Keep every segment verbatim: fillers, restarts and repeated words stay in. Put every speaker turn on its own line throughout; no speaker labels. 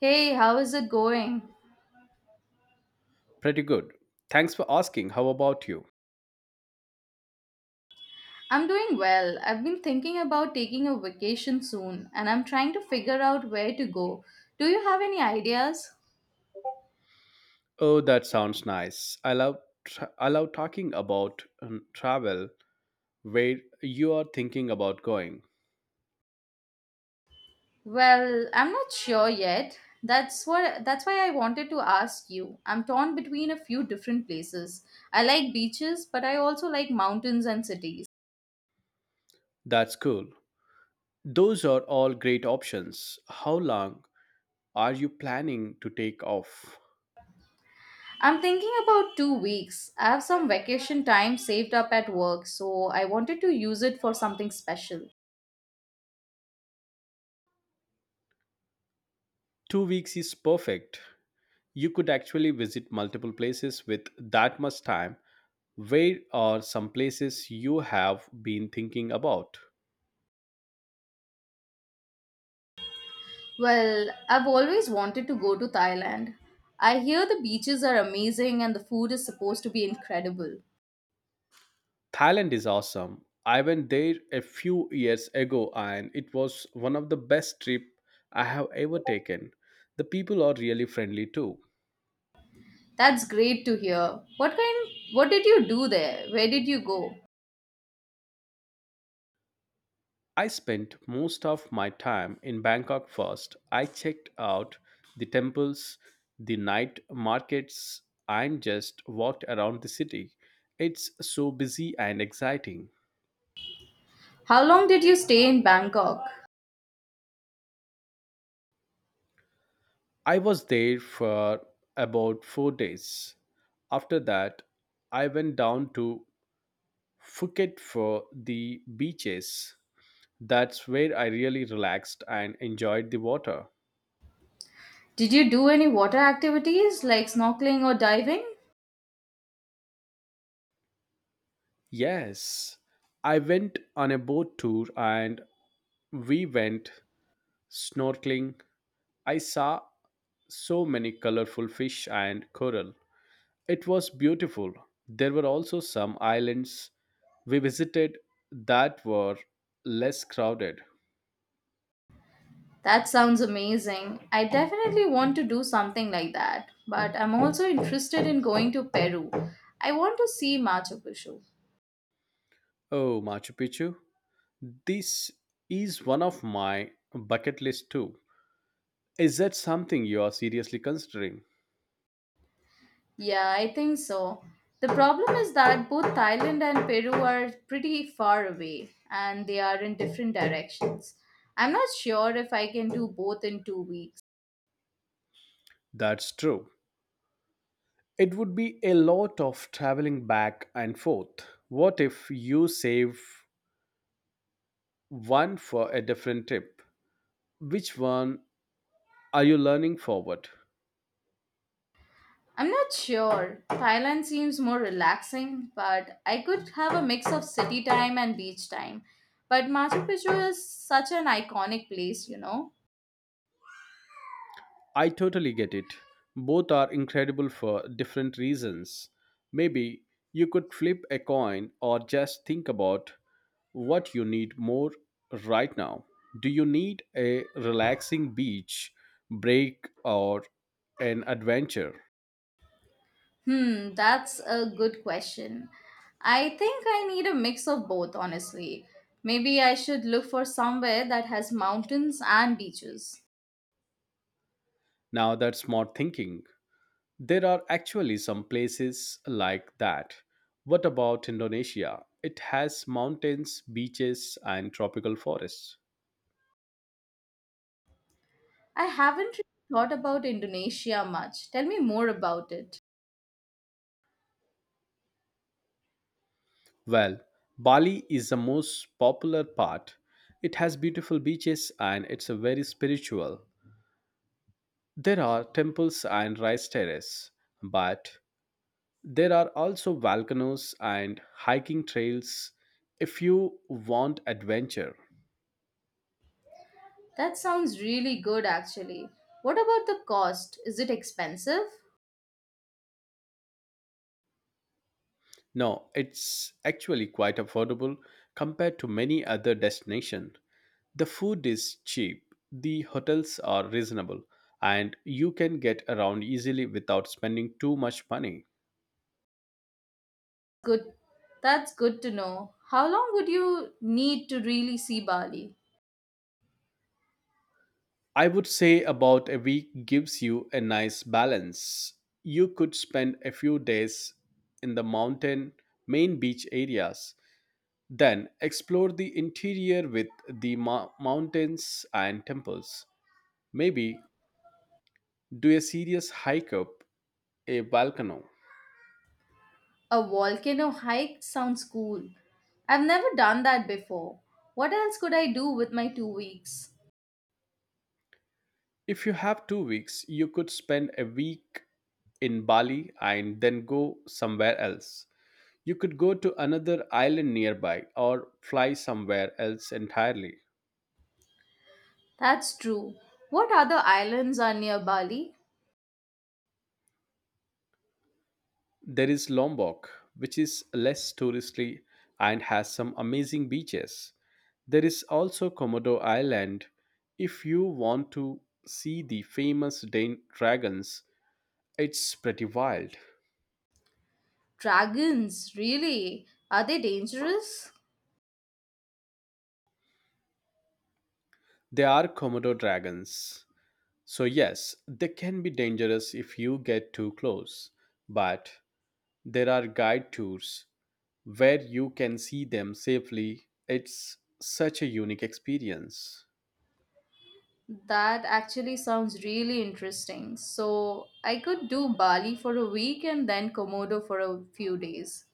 Hey, how is it going?
Pretty good. Thanks for asking. How about you?
I'm doing well. I've been thinking about taking a vacation soon and I'm trying to figure out where to go. Do you have any ideas?
Oh, that sounds nice. I love tra- I love talking about um, travel. Where you are thinking about going?
Well, I'm not sure yet. That's what that's why I wanted to ask you. I'm torn between a few different places. I like beaches, but I also like mountains and cities.
That's cool. Those are all great options. How long are you planning to take off?
I'm thinking about two weeks. I have some vacation time saved up at work, so I wanted to use it for something special.
two weeks is perfect. You could actually visit multiple places with that much time. Where are some places you have been thinking about?
Well, I've always wanted to go to Thailand. I hear the beaches are amazing and the food is supposed to be incredible.
Thailand is awesome. I went there a few years ago and it was one of the best trip I have ever taken. The people are really friendly too.
That's great to hear. What kind what did you do there? Where did you go?
I spent most of my time in Bangkok first. I checked out the temples, the night markets, and just walked around the city. It's so busy and exciting.
How long did you stay in Bangkok?
I was there for about four days. After that, I went down to Phuket for the beaches. That's where I really relaxed and enjoyed the water.
Did you do any water activities like snorkeling or diving?
Yes, I went on a boat tour and we went snorkeling. I saw so many colorful fish and coral. It was beautiful. There were also some islands we visited that were less crowded.
That sounds amazing. I definitely want to do something like that, but I'm also interested in going to Peru. I want to see Machu Picchu.
Oh, Machu Picchu. This is one of my bucket list too. Is that something you are seriously considering?
Yeah, I think so. The problem is that both Thailand and Peru are pretty far away and they are in different directions. I'm not sure if I can do both in two weeks.
That's true. It would be a lot of traveling back and forth. What if you save one for a different trip? Which one are you learning forward?
I'm not sure. Thailand seems more relaxing, but I could have a mix of city time and beach time. But Machu Picchu is such an iconic place, you know.
I totally get it. Both are incredible for different reasons. Maybe you could flip a coin or just think about what you need more right now. Do you need a relaxing beach break or an adventure?
Hmm, that's a good question. I think I need a mix of both, honestly. Maybe I should look for somewhere that has mountains and beaches.
Now that's smart thinking. There are actually some places like that. What about Indonesia? It has mountains, beaches, and tropical forests.
I haven't really thought about Indonesia much. Tell me more about it.
Well, Bali is the most popular part. It has beautiful beaches and it's a very spiritual. There are temples and rice terraces, but there are also volcanoes and hiking trails if you want adventure.
That sounds really good, actually. What about the cost? Is it expensive?
No, it's actually quite affordable compared to many other destinations. The food is cheap, the hotels are reasonable, and you can get around easily without spending too much money.
Good. That's good to know. How long would you need to really see Bali?
I would say about a week gives you a nice balance. You could spend a few days in the mountain main beach areas, then explore the interior with the mo- mountains and temples. Maybe do a serious hike up a volcano.
A volcano hike sounds cool. I've never done that before. What else could I do with my two weeks?
If you have two weeks, you could spend a week in Bali and then go somewhere else. You could go to another island nearby or fly somewhere else entirely.
That's true. What other islands are near Bali?
There is Lombok, which is less touristy and has some amazing beaches. There is also Komodo Island. If you want to see the famous Dan- dragons, it's pretty wild.
Dragons, really? Are they dangerous?
They are Komodo dragons. So, yes, they can be dangerous if you get too close, but there are guide tours where you can see them safely. It's such a unique experience.
That actually sounds really interesting. So, I could do Bali for a week and then Komodo for a few days.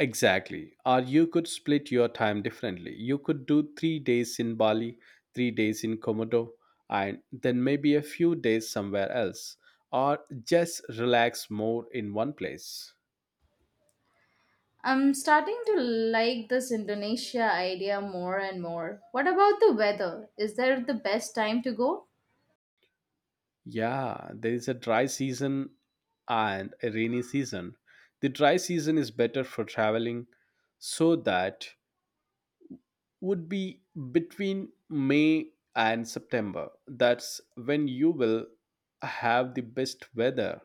Exactly. Or you could split your time differently. You could do three days in Bali, three days in Komodo, and then maybe a few days somewhere else. Or just relax more in one place.
I'm starting to like this Indonesia idea more and more. What about the weather? Is there the best time to go?
Yeah, there is a dry season and a rainy season. The dry season is better for traveling, so that would be between May and September. That's when you will have the best weather.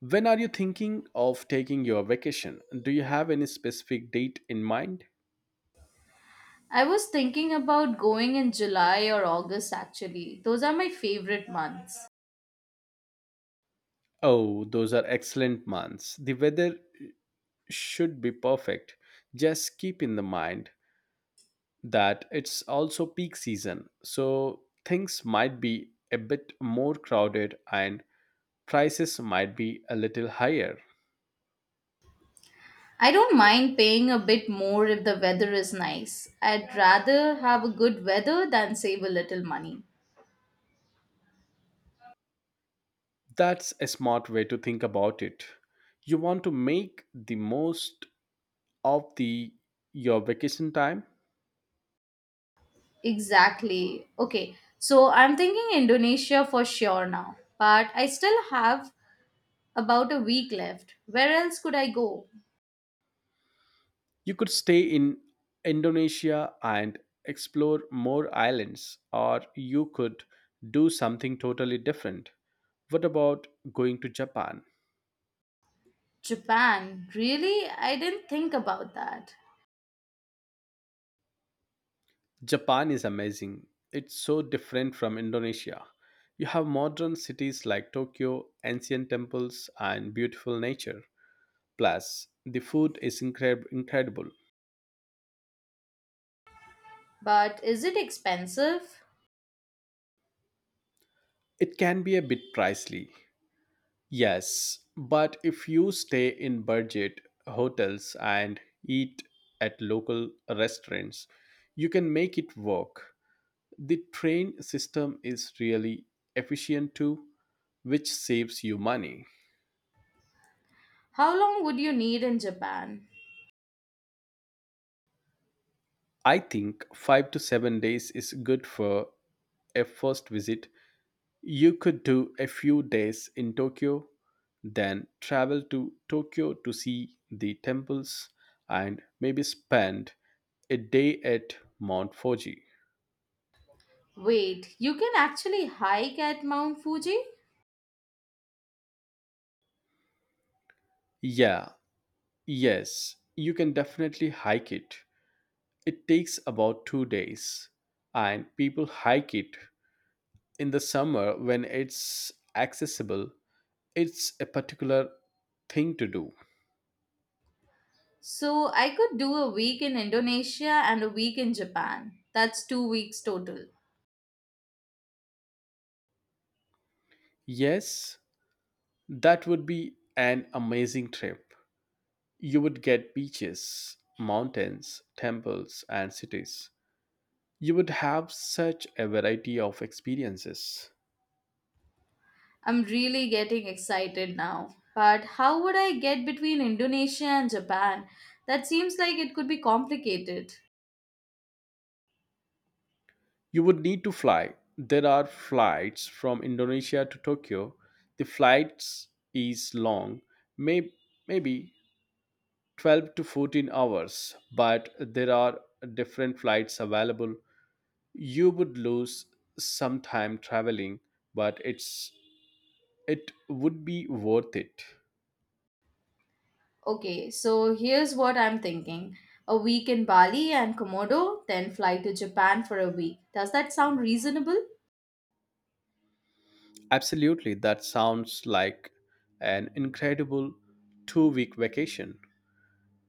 When are you thinking of taking your vacation? Do you have any specific date in mind?
I was thinking about going in July or August actually. Those are my favorite months.
Oh, those are excellent months. The weather should be perfect. Just keep in the mind that it's also peak season, so things might be a bit more crowded and prices might be a little higher.
I don't mind paying a bit more if the weather is nice. I'd rather have a good weather than save a little money.
That's a smart way to think about it. You want to make the most of the your vacation time.
Exactly. Okay, so I'm thinking Indonesia for sure now, but I still have about a week left. Where else could I go?
You could stay in Indonesia and explore more islands, or you could do something totally different. What about going to Japan?
Japan. Really? I didn't think about that.
Japan is amazing. It's so different from Indonesia. You have modern cities like Tokyo, ancient temples, and beautiful nature. Plus, the food is incre- incredible.
But is it expensive?
It can be a bit pricey, yes, but if you stay in budget hotels and eat at local restaurants, you can make it work. The train system is really efficient too, which saves you money.
How long would you need in Japan?
I think five to seven days is good for a first visit. You could do a few days in Tokyo, then travel to Tokyo to see the temples and maybe spend a day at Mount Fuji.
Wait, you can actually hike at Mount Fuji?
Yeah, yes, you can definitely hike it. It takes about two days, and people hike it in the summer when it's accessible. It's a particular thing to do.
So I could do a week in Indonesia and a week in Japan. That's two weeks total.
Yes, that would be an amazing trip. You would get beaches, mountains, temples, and cities. You would have such a variety of experiences.
I'm really getting excited now. But how would I get between Indonesia and Japan? That seems like it could be complicated.
You would need to fly. There are flights from Indonesia to Tokyo. The flights is long, may, maybe twelve to fourteen hours, but there are different flights available. You would lose some time traveling, but it's it would be worth it.
Okay, so here's what I'm thinking, a week in Bali and Komodo, then fly to Japan for a week. Does that sound reasonable?
Absolutely, that sounds like an incredible two week vacation.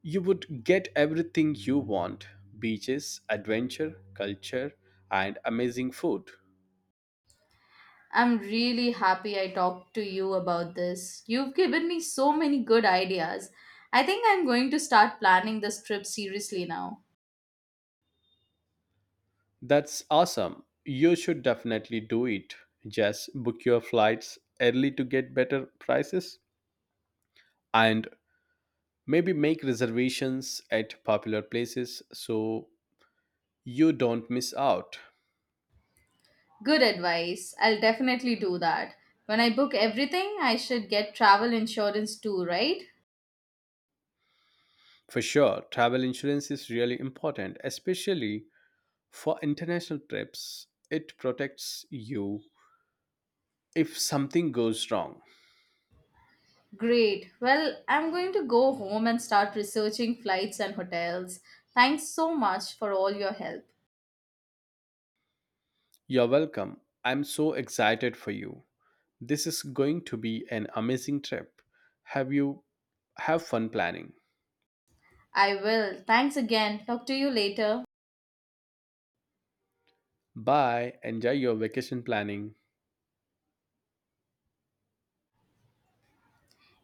You would get everything you want: beaches, adventure, culture, and amazing food.
I'm really happy I talked to you about this. You've given me so many good ideas. I think I'm going to start planning this trip seriously now.
That's awesome. You should definitely do it. Just book your flights early to get better prices and maybe make reservations at popular places so you don't miss out.
Good advice. I'll definitely do that. When I book everything, I should get travel insurance too, right?
For sure, travel insurance is really important, especially for international trips. It protects you if something goes wrong.
Great. Well, I'm going to go home and start researching flights and hotels. Thanks so much for all your help.
You're welcome. I'm so excited for you. This is going to be an amazing trip. Have you have fun planning.
I will. Thanks again. Talk to you later.
Bye. Enjoy your vacation planning.